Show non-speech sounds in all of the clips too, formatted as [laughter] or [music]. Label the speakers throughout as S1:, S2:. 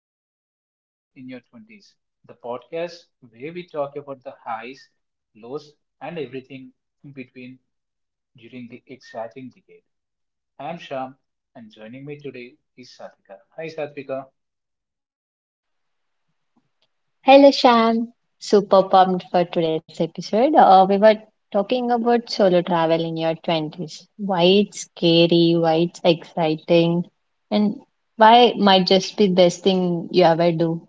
S1: welcome to the Life in Your 20s, the podcast where we talk about the highs, lows, and everything in between during the exciting decade. I'm Sham, and joining me today is Satvika. Hi, Satvika.
S2: Hello, Sham. Super pumped for today's episode. We were talking about solo travel in your 20s. Why it's scary, why it's exciting, and why it might just be best thing you ever do.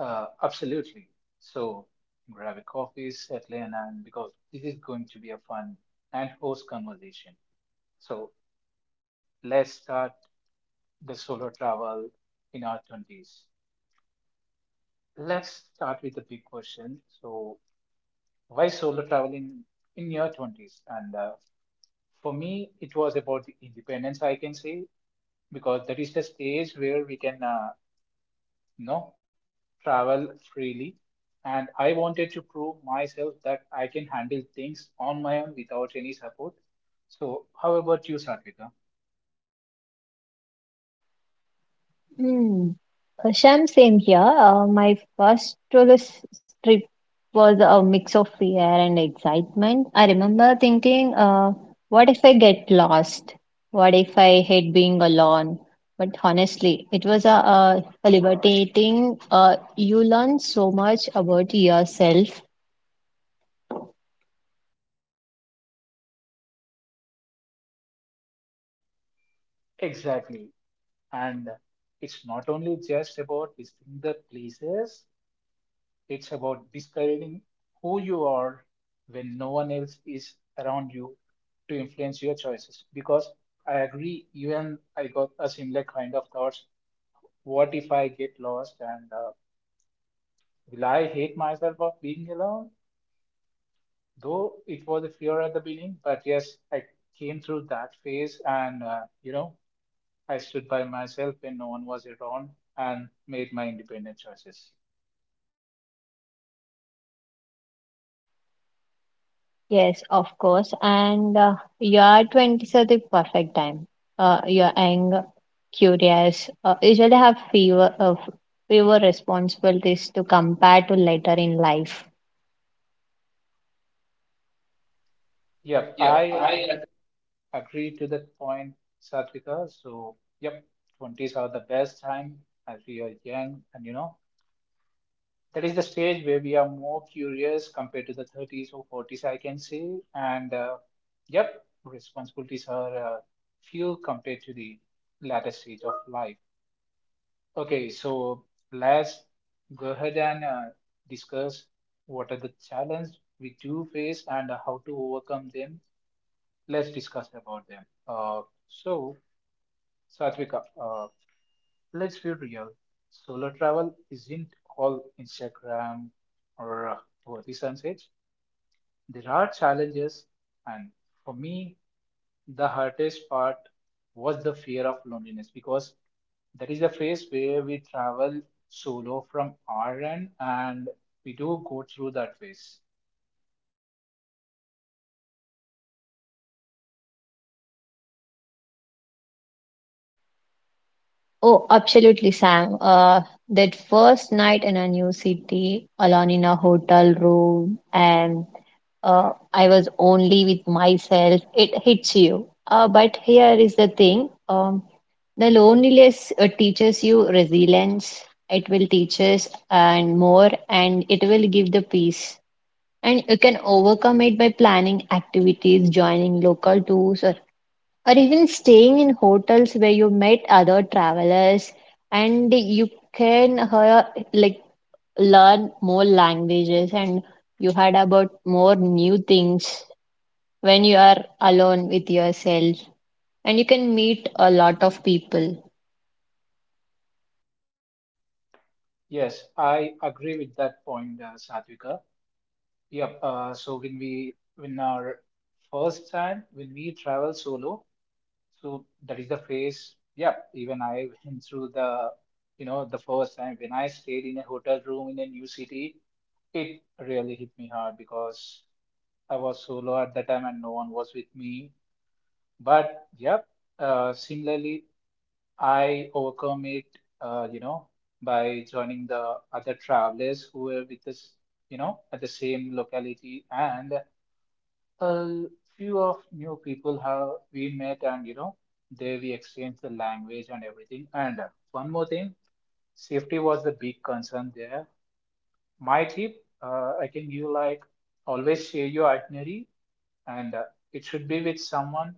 S1: Absolutely. So, grab a coffee, settle in, and because this is going to be a fun and host conversation. So, let's start the solo travel in our 20s. Let's start with the big question. So, why solo travel in your 20s and for me it was about the independence I can say because that is the stage where we can you know, travel freely, and I wanted to prove myself that I can handle things on my own without any support. So how about you, Satvika?
S2: Hmm. Sham, same here. My first trip was a mix of fear and excitement. I remember thinking, what if I get lost? What if I hate being alone? But honestly, it was a liberating, you learn so much about yourself.
S1: Exactly, and it's not only just about visiting the places. It's about discovering who you are when no one else is around you to influence your choices. Because I agree, even I got a similar kind of thoughts. What if I get lost and will I hate myself of being alone? Though it was a fear at the beginning, but yes, I came through that phase and, you know, I stood by myself when no one was around and made my independent choices.
S2: Yes, of course. And your 20s are the perfect time. You're young, curious, usually have fewer responsibilities to compare to later in life.
S1: Yeah, I agree agree to that point, Satvika. So, yep, 20s are the best time as we are young, and you know, that is the stage where we are more curious compared to the 30s or 40s, I can say. And, yep, responsibilities are few compared to the latter stage of life. Okay, so let's go ahead and discuss what are the challenges we do face and how to overcome them. Let's discuss about them. Satvika, let's be real. Solo travel isn't all Instagram or worthy sunsets. There are challenges, and for me, the hardest part was the fear of loneliness because that is the phase where we travel solo from our end, and we do go through that phase.
S2: Oh, absolutely, Sam. That first night in a new city, alone in a hotel room, and I was only with myself, it hits you. But here is the thing, the loneliness teaches you resilience. It will teach us and more, and it will give the peace. And you can overcome it by planning activities, joining local tours, or even staying in hotels where you met other travelers, and you can hear, like learn more languages, and you heard about more new things when you are alone with yourself, and you can meet a lot of people.
S1: Yes, I agree with that point, Satvika. Yep. So when our first time when we travel solo, so that is the phase. Yeah, even I [laughs] went through the, you know, the first time when I stayed in a hotel room in a new city, it really hit me hard because I was solo at that time and no one was with me. But yep, similarly, I overcome it, you know, by joining the other travelers who were with us, you know, at the same locality. And a few of new people have we met, and you know, there we exchanged the language and everything. And one more thing, safety was the big concern there. My tip I can give, like, always share your itinerary and it should be with someone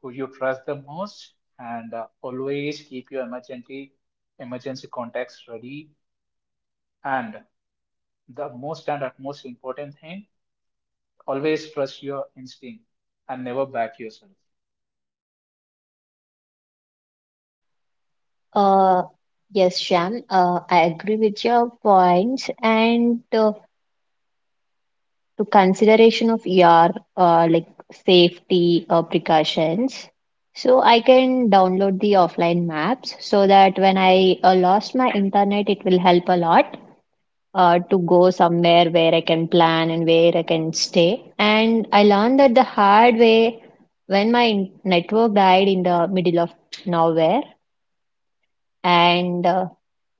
S1: who you trust the most. And always keep your emergency contacts ready. And the most and utmost important thing, always trust your instinct and never back yourself.
S2: Uh, yes, Sham, I agree with your points, and to consideration of your like safety precautions. So I can download the offline maps so that when I lost my internet, it will help a lot to go somewhere where I can plan and where I can stay. And I learned that the hard way when my network died in the middle of nowhere, and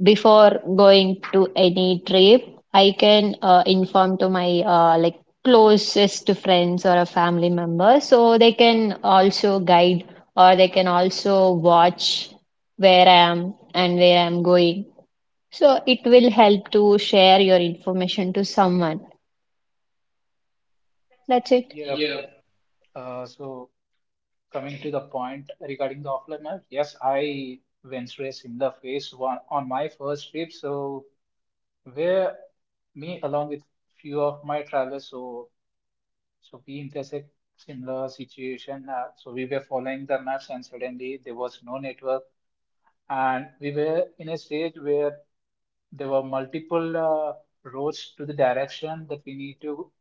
S2: before going to any trip, I can inform to my like closest friends or a family member so they can also guide or they can also watch where I am and where I am going. So it will help to share your information to someone. That's it.
S1: Yeah. So coming to the point regarding the offline map, yes, I went through a similar phase one on my first trip. So where me along with few of my travelers, so we intersect similar situation. So we were following the maps, and suddenly there was no network, and we were in a stage where there were multiple roads to the direction that we need to,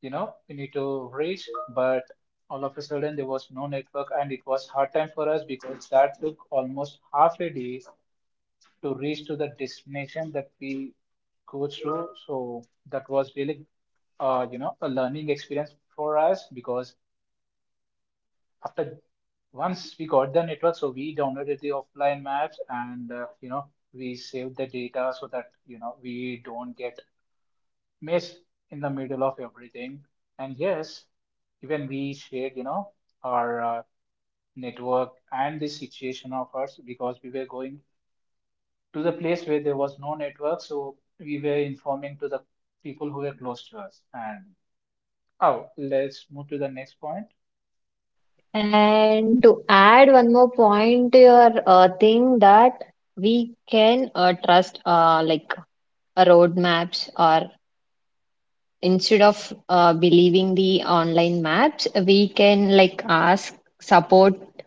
S1: you know, we need to reach. But all of a sudden there was no network and it was hard time for us because that took almost half a day to reach to the destination that we go through. So that was really, you know, a learning experience for us because after once we got the network, so we downloaded the offline maps, and you know, we saved the data so that you know we don't get mess in the middle of everything. And yes, even we shared, you know, our network and the situation of us because we were going to the place where there was no network. So we were informing to the people who were close to us. And oh, let's move to the next point.
S2: And to add one more point to your thing that we can trust road maps, or instead of believing the online maps, we can like ask support.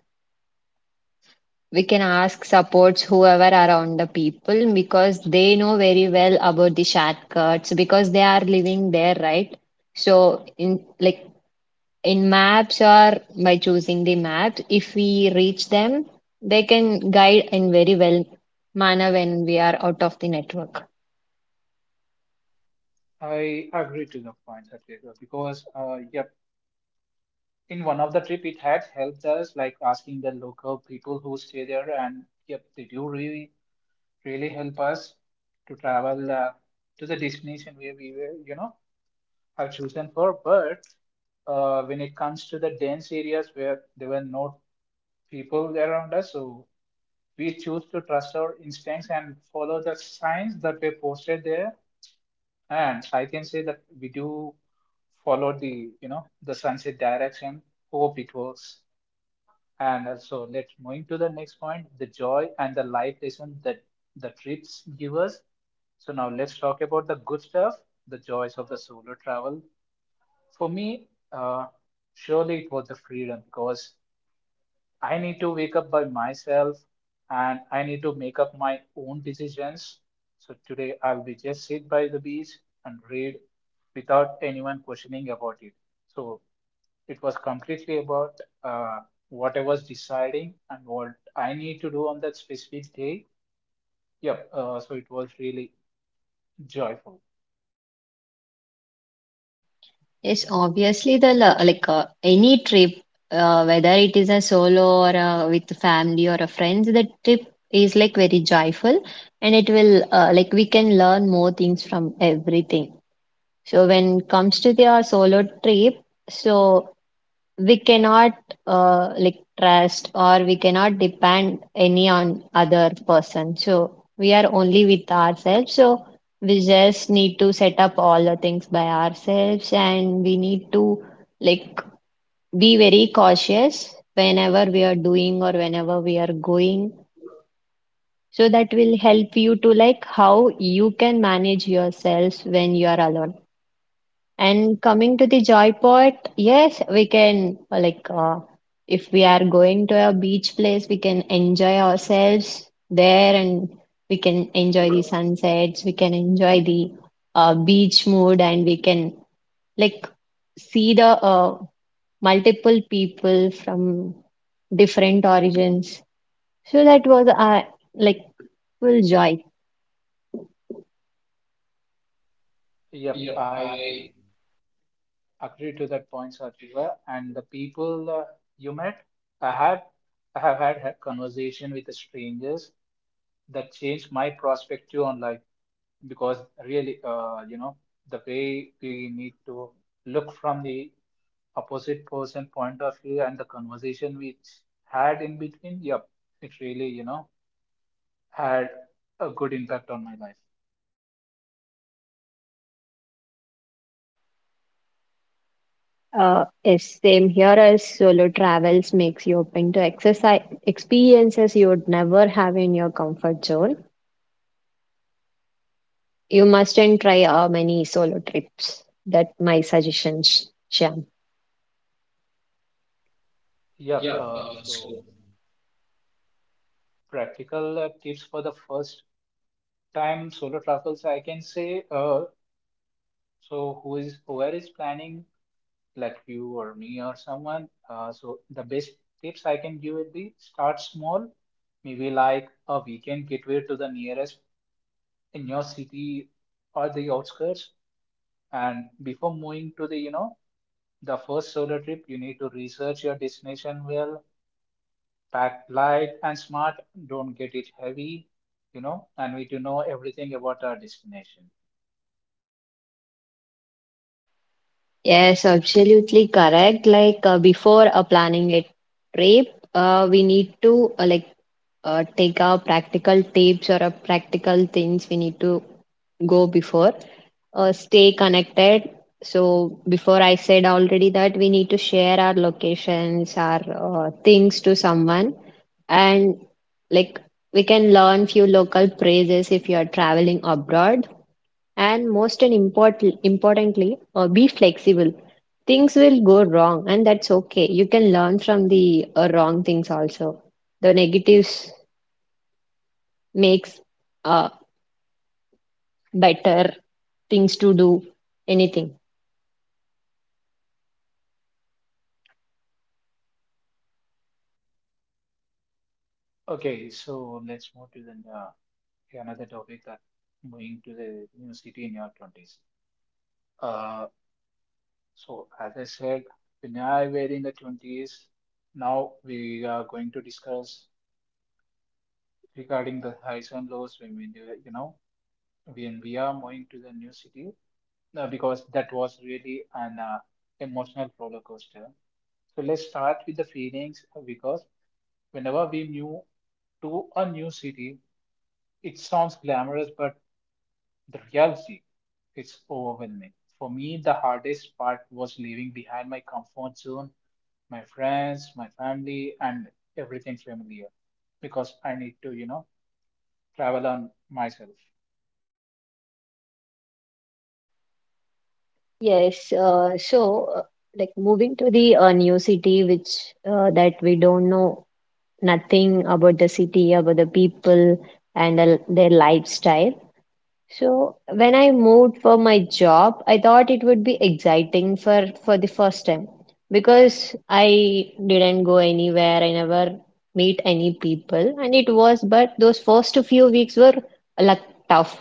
S2: We can ask supports whoever around the people, because they know very well about the shortcuts because they are living there, right? So in like in maps, or by choosing the maps if we reach them, they can guide in very well manner when we are out of the network.
S1: I agree to the point that you got because, yep, in one of the trip it had helped us, like asking the local people who stay there, and yep, they do really help us to travel to the destination where we were, you know, have chosen for. But when it comes to the dense areas where there were no people around us, so we choose to trust our instincts and follow the signs that were posted there. And I can say that we do follow the, you know, the sunset direction. Hope it works. And so let's moving to the next point, the joy and the life lesson that the trips give us. So now let's talk about the good stuff, the joys of the solo travel. For me, surely it was the freedom because I need to wake up by myself and I need to make up my own decisions. So today I'll be just sit by the beach and read without anyone questioning about it. So it was completely about uh, what I was deciding and what I need to do on that specific day. Yep. So it was really joyful.
S2: Yes, obviously the like any trip, whether it is a solo or with the family or a friends, the trip is like very joyful, and it will like we can learn more things from everything. So when comes to the our solo trip, so we cannot like trust, or we cannot depend any on other person, so we are only with ourselves, so we just need to set up all the things by ourselves, and we need to like be very cautious whenever we are doing or whenever we are going. So that will help you to like how you can manage yourself when you are alone. And coming to the joy part, yes, we can if we are going to a beach place, we can enjoy ourselves there, and we can enjoy the sunsets, we can enjoy the beach mood, and we can like see the multiple people from different origins. So that was like full joy.
S1: Yep. I agree to that point, Satriva. And the people you met, I had, I have had a conversation with the strangers that changed my perspective on life because really, you know, the way we need to look from the opposite person point of view and the conversation which had in between, yep, it really, you know, had a good impact on my life.
S2: Yes, same here, as solo travels makes you open to exercise experiences you would never have in your comfort zone. You mustn't try many solo trips. That my suggestions, Shyam.
S1: Yep. So practical tips for the first time solo travels I can say. So who is whoever is planning, like you or me or someone. So the best tips I can give would be start small, maybe like a weekend getaway to the nearest in your city or the outskirts. And before moving to the, you know, the first solo trip, you need to research your destination well, pack light and smart, don't get it heavy, you know, and we to know everything about our destination.
S2: Yes, absolutely correct. Like before planning a trip, we need to take our practical tips, or practical things we need to go before. Stay connected. So before I said already that we need to share our locations, our things to someone, and like we can learn few local phrases if you are traveling abroad. And most and importantly, be flexible. Things will go wrong, and that's okay. You can learn from the wrong things also. The negatives makes uh, better things to do, anything.
S1: Okay, so let's move to the another topic that moving to the new city in your 20s. Uh, so as I said, when I were in the 20s, now we are going to discuss regarding the highs and lows when we do, you know, when we are moving to the new city. No, because that was really an emotional roller coaster. So let's start with the feelings because whenever we move to a new city, it sounds glamorous, but the reality is overwhelming. For me, the hardest part was leaving behind my comfort zone, my friends, my family, and everything familiar because I need to, you know, travel on myself.
S2: Yes, so like moving to the new city, which that we don't know nothing about the city, about the people, and their lifestyle. So when I moved for my job, I thought it would be exciting for the first time, because I didn't go anywhere, I never meet any people, and it was, but those first few weeks were like tough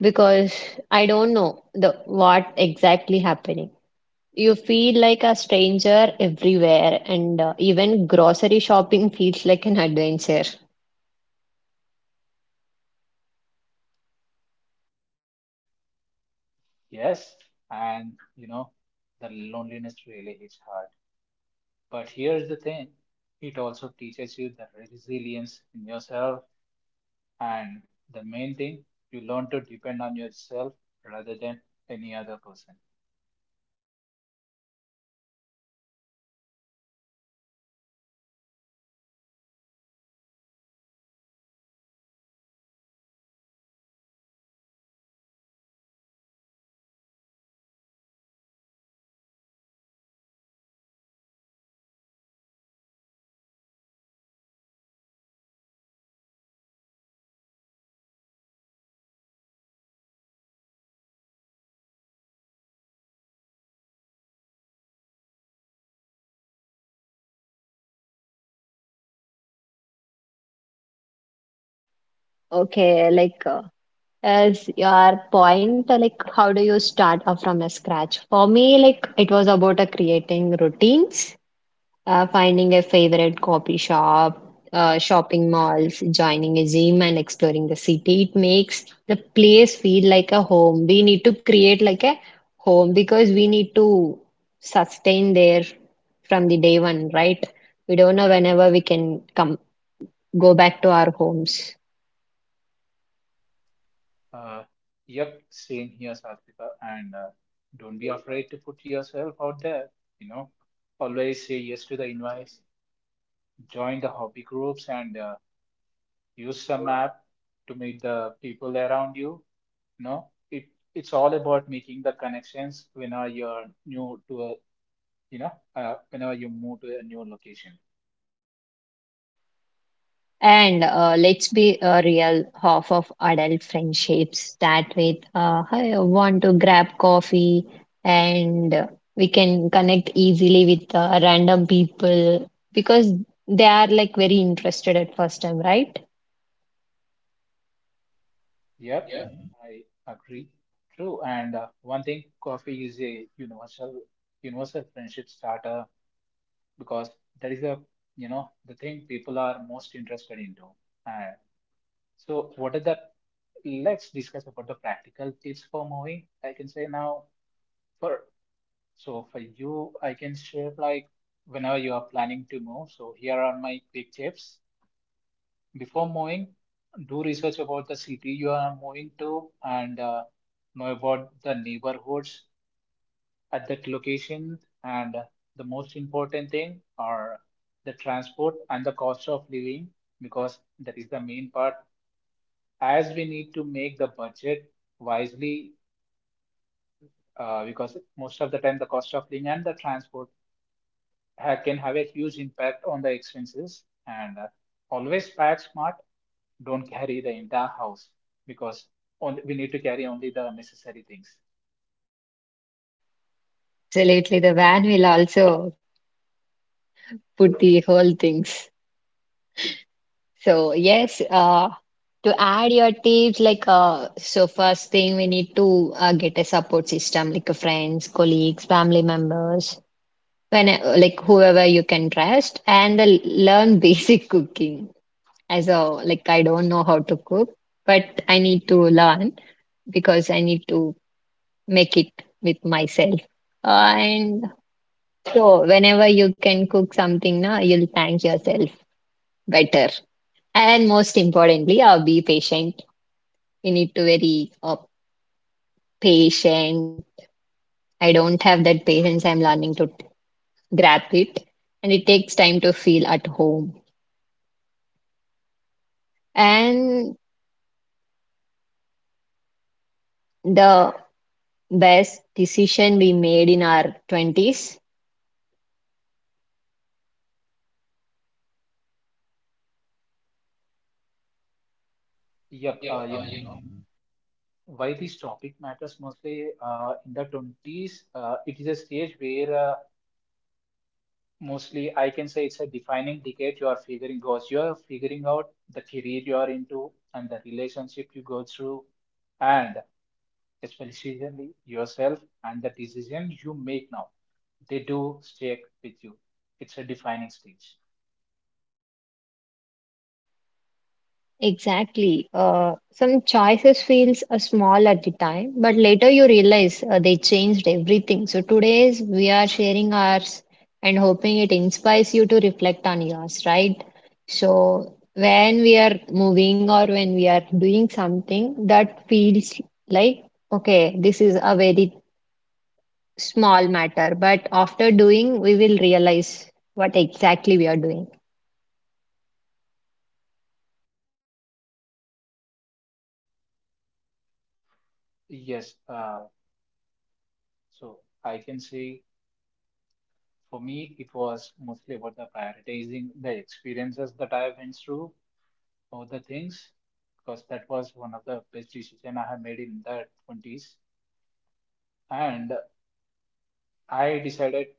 S2: because I don't know the what exactly happening. You feel like a stranger everywhere, and even grocery shopping [laughs] feels like an adventure.
S1: Yes, and you know, the loneliness really hits hard. But here's the thing, it also teaches you the resilience in yourself, and the main thing, you learn to depend on yourself rather than any other person.
S2: Okay, like as your point, like how do you start off from a scratch? For me, like it was about creating routines, finding a favorite coffee shop, shopping malls, joining a gym, and exploring the city. It makes the place feel like a home. We need to create like a home, because we need to sustain there from the day one, right? We don't know whenever we can come go back to our homes.
S1: Uh, yep, same here, Satvika, and don't be afraid to put yourself out there. You know, always say yes to the invites, join the hobby groups, and use some app to meet the people around you. You know, it's all about making the connections when you're new to a, you know, whenever you move to a new location.
S2: And let's be real, half of adult friendships start with, "Hey, I want to grab coffee," and we can connect easily with random people, because they are like very interested at first time, right?
S1: Yep, I agree. True. And one thing, coffee is a universal friendship starter because that is a, you know, the thing people are most interested into. And so, what is that? Let's discuss about the practical tips for moving. I can say now for, so for you, I can share like whenever you are planning to move. So here are my quick tips. Before moving, do research about the city you are moving to, and know about the neighborhoods at that location. And the most important thing are the transport and the cost of living because that is the main part. As we need to make the budget wisely, because most of the time the cost of living and the transport can have a huge impact on the expenses. And always pack smart, don't carry the entire house because only, we need to carry only the necessary things.
S2: Absolutely, the van will also put the whole things. So yes, to add your tips, like so first thing we need to get a support system, like friends, colleagues, family members, when like whoever you can trust, and learn [laughs] basic cooking, as a like I don't know how to cook, but I need to learn, because I need to make it with myself, uh, and so whenever you can cook something now, you'll thank yourself better. And most importantly, be patient. We need to very patient. I don't have that patience, I'm learning to grab it, and it takes time to feel at home. And the best decision we made in our 20s.
S1: Yep, you know, why this topic matters mostly in the 20s, it is a stage where mostly I can say it's a defining decade. You are figuring Because you are figuring out the career you are into and the relationship you go through, and especially yourself and the decision you make now. They do stick with you. It's a defining stage.
S2: Exactly. Some choices feels small at the time, but later you realize they changed everything. So today's we are sharing ours and hoping it inspires you to reflect on yours, right? So when we are moving or when we are doing something that feels like, okay, this is a very small matter, but after doing, we will realize what exactly we are doing.
S1: Yes, uh, So I can say for me, it was mostly about the prioritizing the experiences that I went through or the things, because that was one of the best decision I have made in the 20s. And I decided,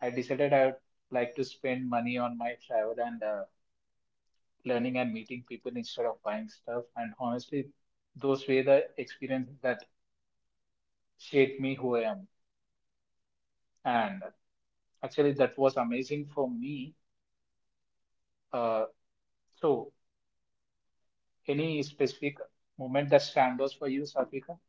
S1: I decided I would like to spend money on my travel and learning and meeting people instead of buying stuff. And honestly, those were the experiences that shaped me who I am. And actually, that was amazing for me. Uh, so Any specific moment that stands out for you, Satvika?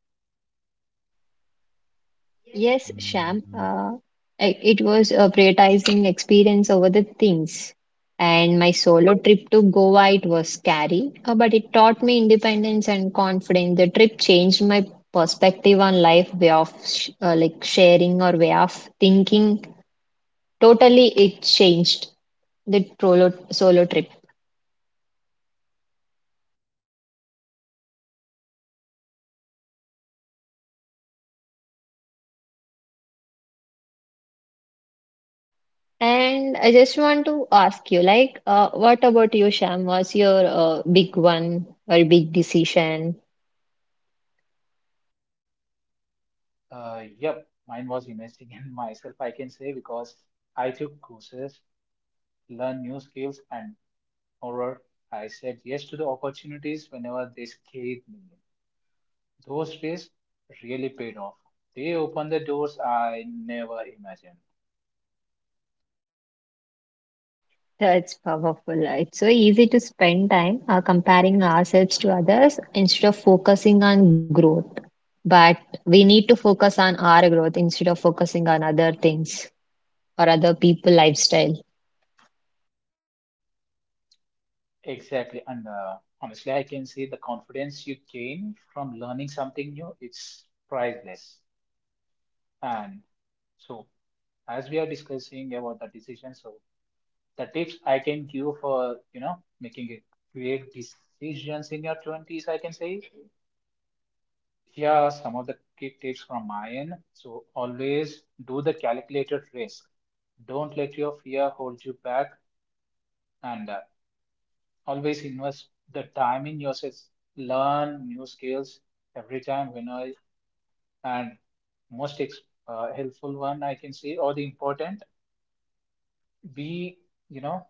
S2: Yes, Sham, it was prioritizing experience over the things. And my solo trip to Goa, it was scary, but it taught me independence and confidence. The trip changed my perspective on life, way of sh like sharing, or way of thinking. Totally, it changed the solo trip. And I just want to ask you, like, what about you, Sham? What's your big one or big decision?
S1: Yep, mine was investing in [laughs] myself, I can say, because I took courses, learned new skills, and moreover, I said yes to the opportunities whenever they scaled me. Those days really paid off. They opened the doors I never imagined.
S2: That's powerful. It's so easy to spend time comparing ourselves to others instead of focusing on growth. But we need to focus on our growth instead of focusing on other things or other people lifestyle.
S1: Exactly, and honestly, I can say the confidence you gain from learning something new, it's priceless. And so as we are discussing about the decision, so the tips I can give for you know making it create decisions in your 20s, I can say here are some of the key tips from my end. So always do the calculated risk. Don't let your fear hold you back, and always invest the time in yourself. Learn new skills every time when I and most ex- helpful one I can say or the important be, you know,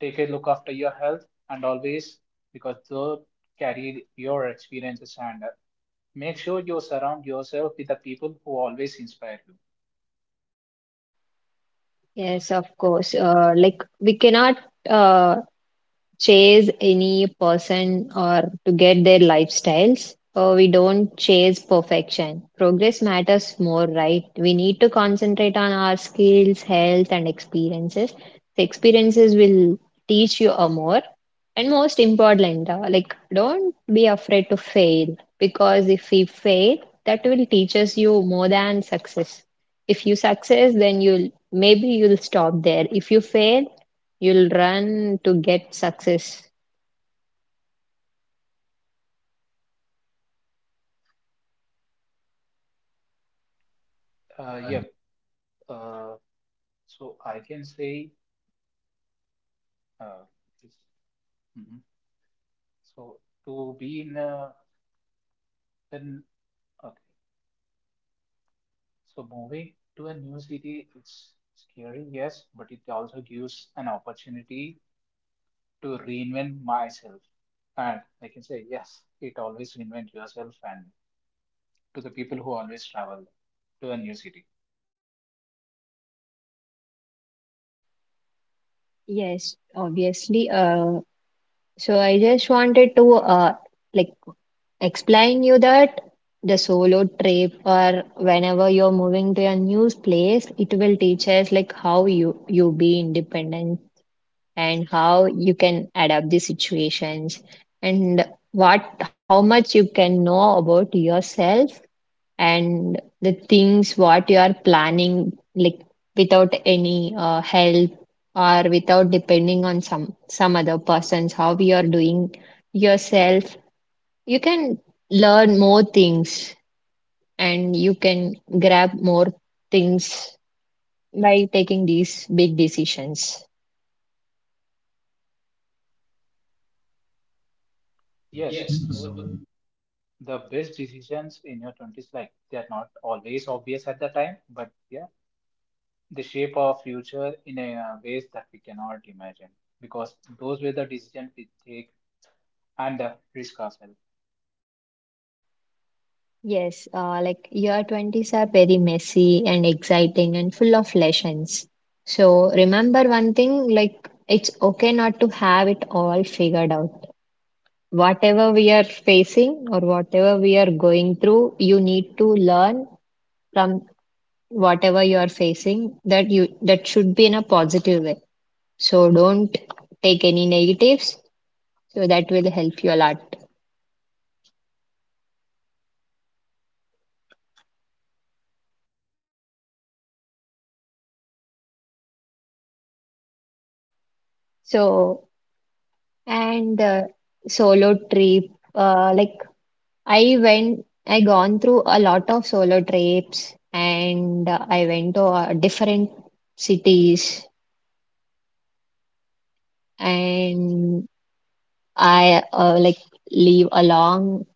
S1: take a look after your health and always because they'll carry your experiences and make sure you surround yourself with the people who always inspire you.
S2: Yes, of course. Like we cannot uh, chase any person or to get their lifestyles. We don't chase perfection. Progress matters more, right? We need to concentrate on our skills, health, and experiences. The experiences will teach you a more. And most important, like don't be afraid to fail, because if we fail, that will teach us you more than success. If you success, then you'll maybe you'll stop there. If you fail, you'll run to get success.
S1: Yeah. Uh, I can say, uh, this, mhm. so to be in a, in okay. So moving to a new city, it's scary, yes, but it also gives an opportunity to reinvent myself. And I can say, yes, it always reinvent yourself and to the people who always travel to a new city.
S2: Yes, obviously. So I just wanted to like explain you that the solo trip, or whenever you're moving to a new place, it will teach us like how you be independent, and how you can adapt the situations, and what how much you can know about yourself, and the things what you are planning, like without any help, or without depending on some other persons, how you are doing yourself. You can learn more things, and you can grab more things by taking these big decisions.
S1: Yes, so the best decisions in your 20s, like they are not always obvious at the time, but yeah, they shape our future in a ways that we cannot imagine because those were the decisions we take and risk ourselves.
S2: Yes, like year 20s are very messy and exciting and full of lessons. So remember one thing, like it's okay not to have it all figured out. Whatever we are facing or whatever we are going through, you need to learn from whatever you are facing, that you that should be in a positive way. So don't take any negatives. So that will help you a lot. So and solo trip like I gone through a lot of solo trips, and I went to different cities, and I like live along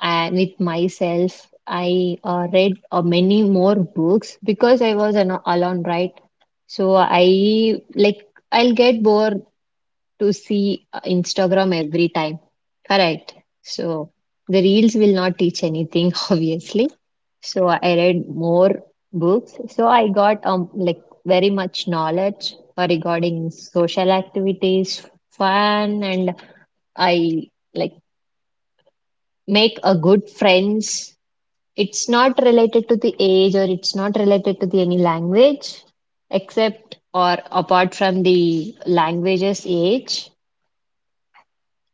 S2: with myself. I read many more books, because I was an alone, right? So I like I'll get bored to see Instagram every time. Correct. So the reels will not teach anything, [laughs] obviously. So I read more books. So I got like very much knowledge regarding social activities, fun, and I like make a good friends. It's not related to the age, or it's not related to the any language except or apart from the language's age.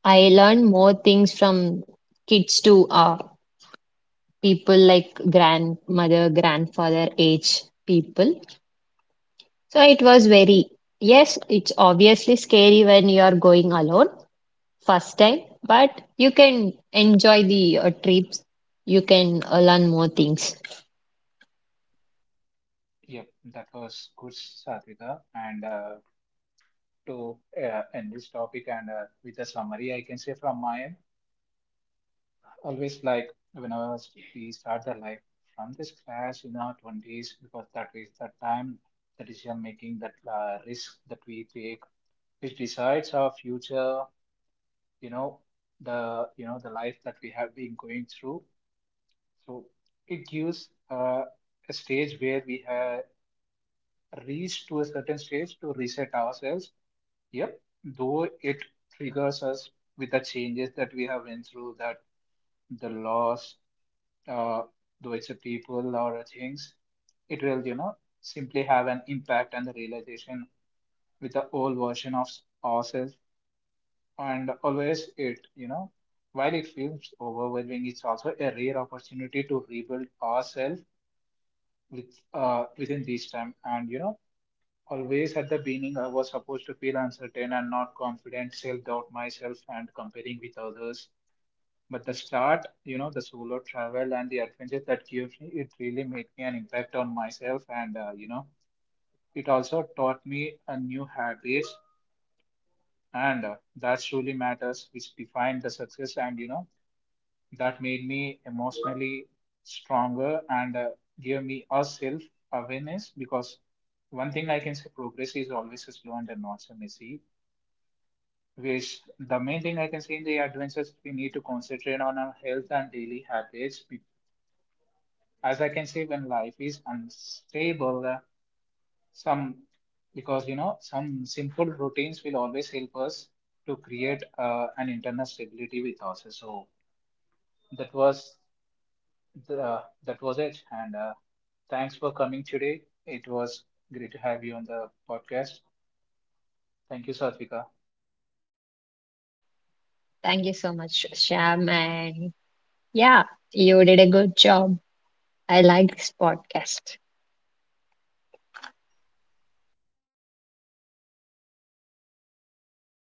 S2: I learn more things from kids to people like grandmother, grandfather age people. So it was very, yes, it's obviously scary when you are going alone first time, but you can enjoy the trips. You can learn more things.
S1: Yep, that was good, Satvika. And to end this topic and with a summary, I can say from my end always like whenever we start the life from this class in our 20s because that is the time the decision making that risk that we take which decides our future, you know, the, you know, the life that we have been going through. So it gives a stage where we have reached to a certain stage to reset ourselves, yep though it triggers us with the changes that we have been through, that the loss, uh, though it's a people or a things, it will, you know, simply have an impact and the realization with the old version of ourselves. And always it, you know, while it feels overwhelming, it's also a rare opportunity to rebuild ourselves with within this time. And you know, always at the beginning, I was supposed to feel uncertain and not confident, self doubt myself, and comparing with others. But the start, you know, the solo travel and the adventures that gives me, it really made me an impact on myself. And, you know, it also taught me a new habits. And that truly matters, which defined the success. And, you know, that made me emotionally stronger and gave me a self awareness. Because one thing I can say, progress is always slow and not so messy. Which the main thing I can say in the adventures, we need to concentrate on our health and daily habits, as I can say, when life is unstable, some because you know some simple routines will always help us to create an internal stability with us. So that was that was it. And thanks for coming today. It was great to have you on the podcast. Thank you, Satvika.
S2: Thank you so much, Sham. And yeah, you did a good job. I like this podcast.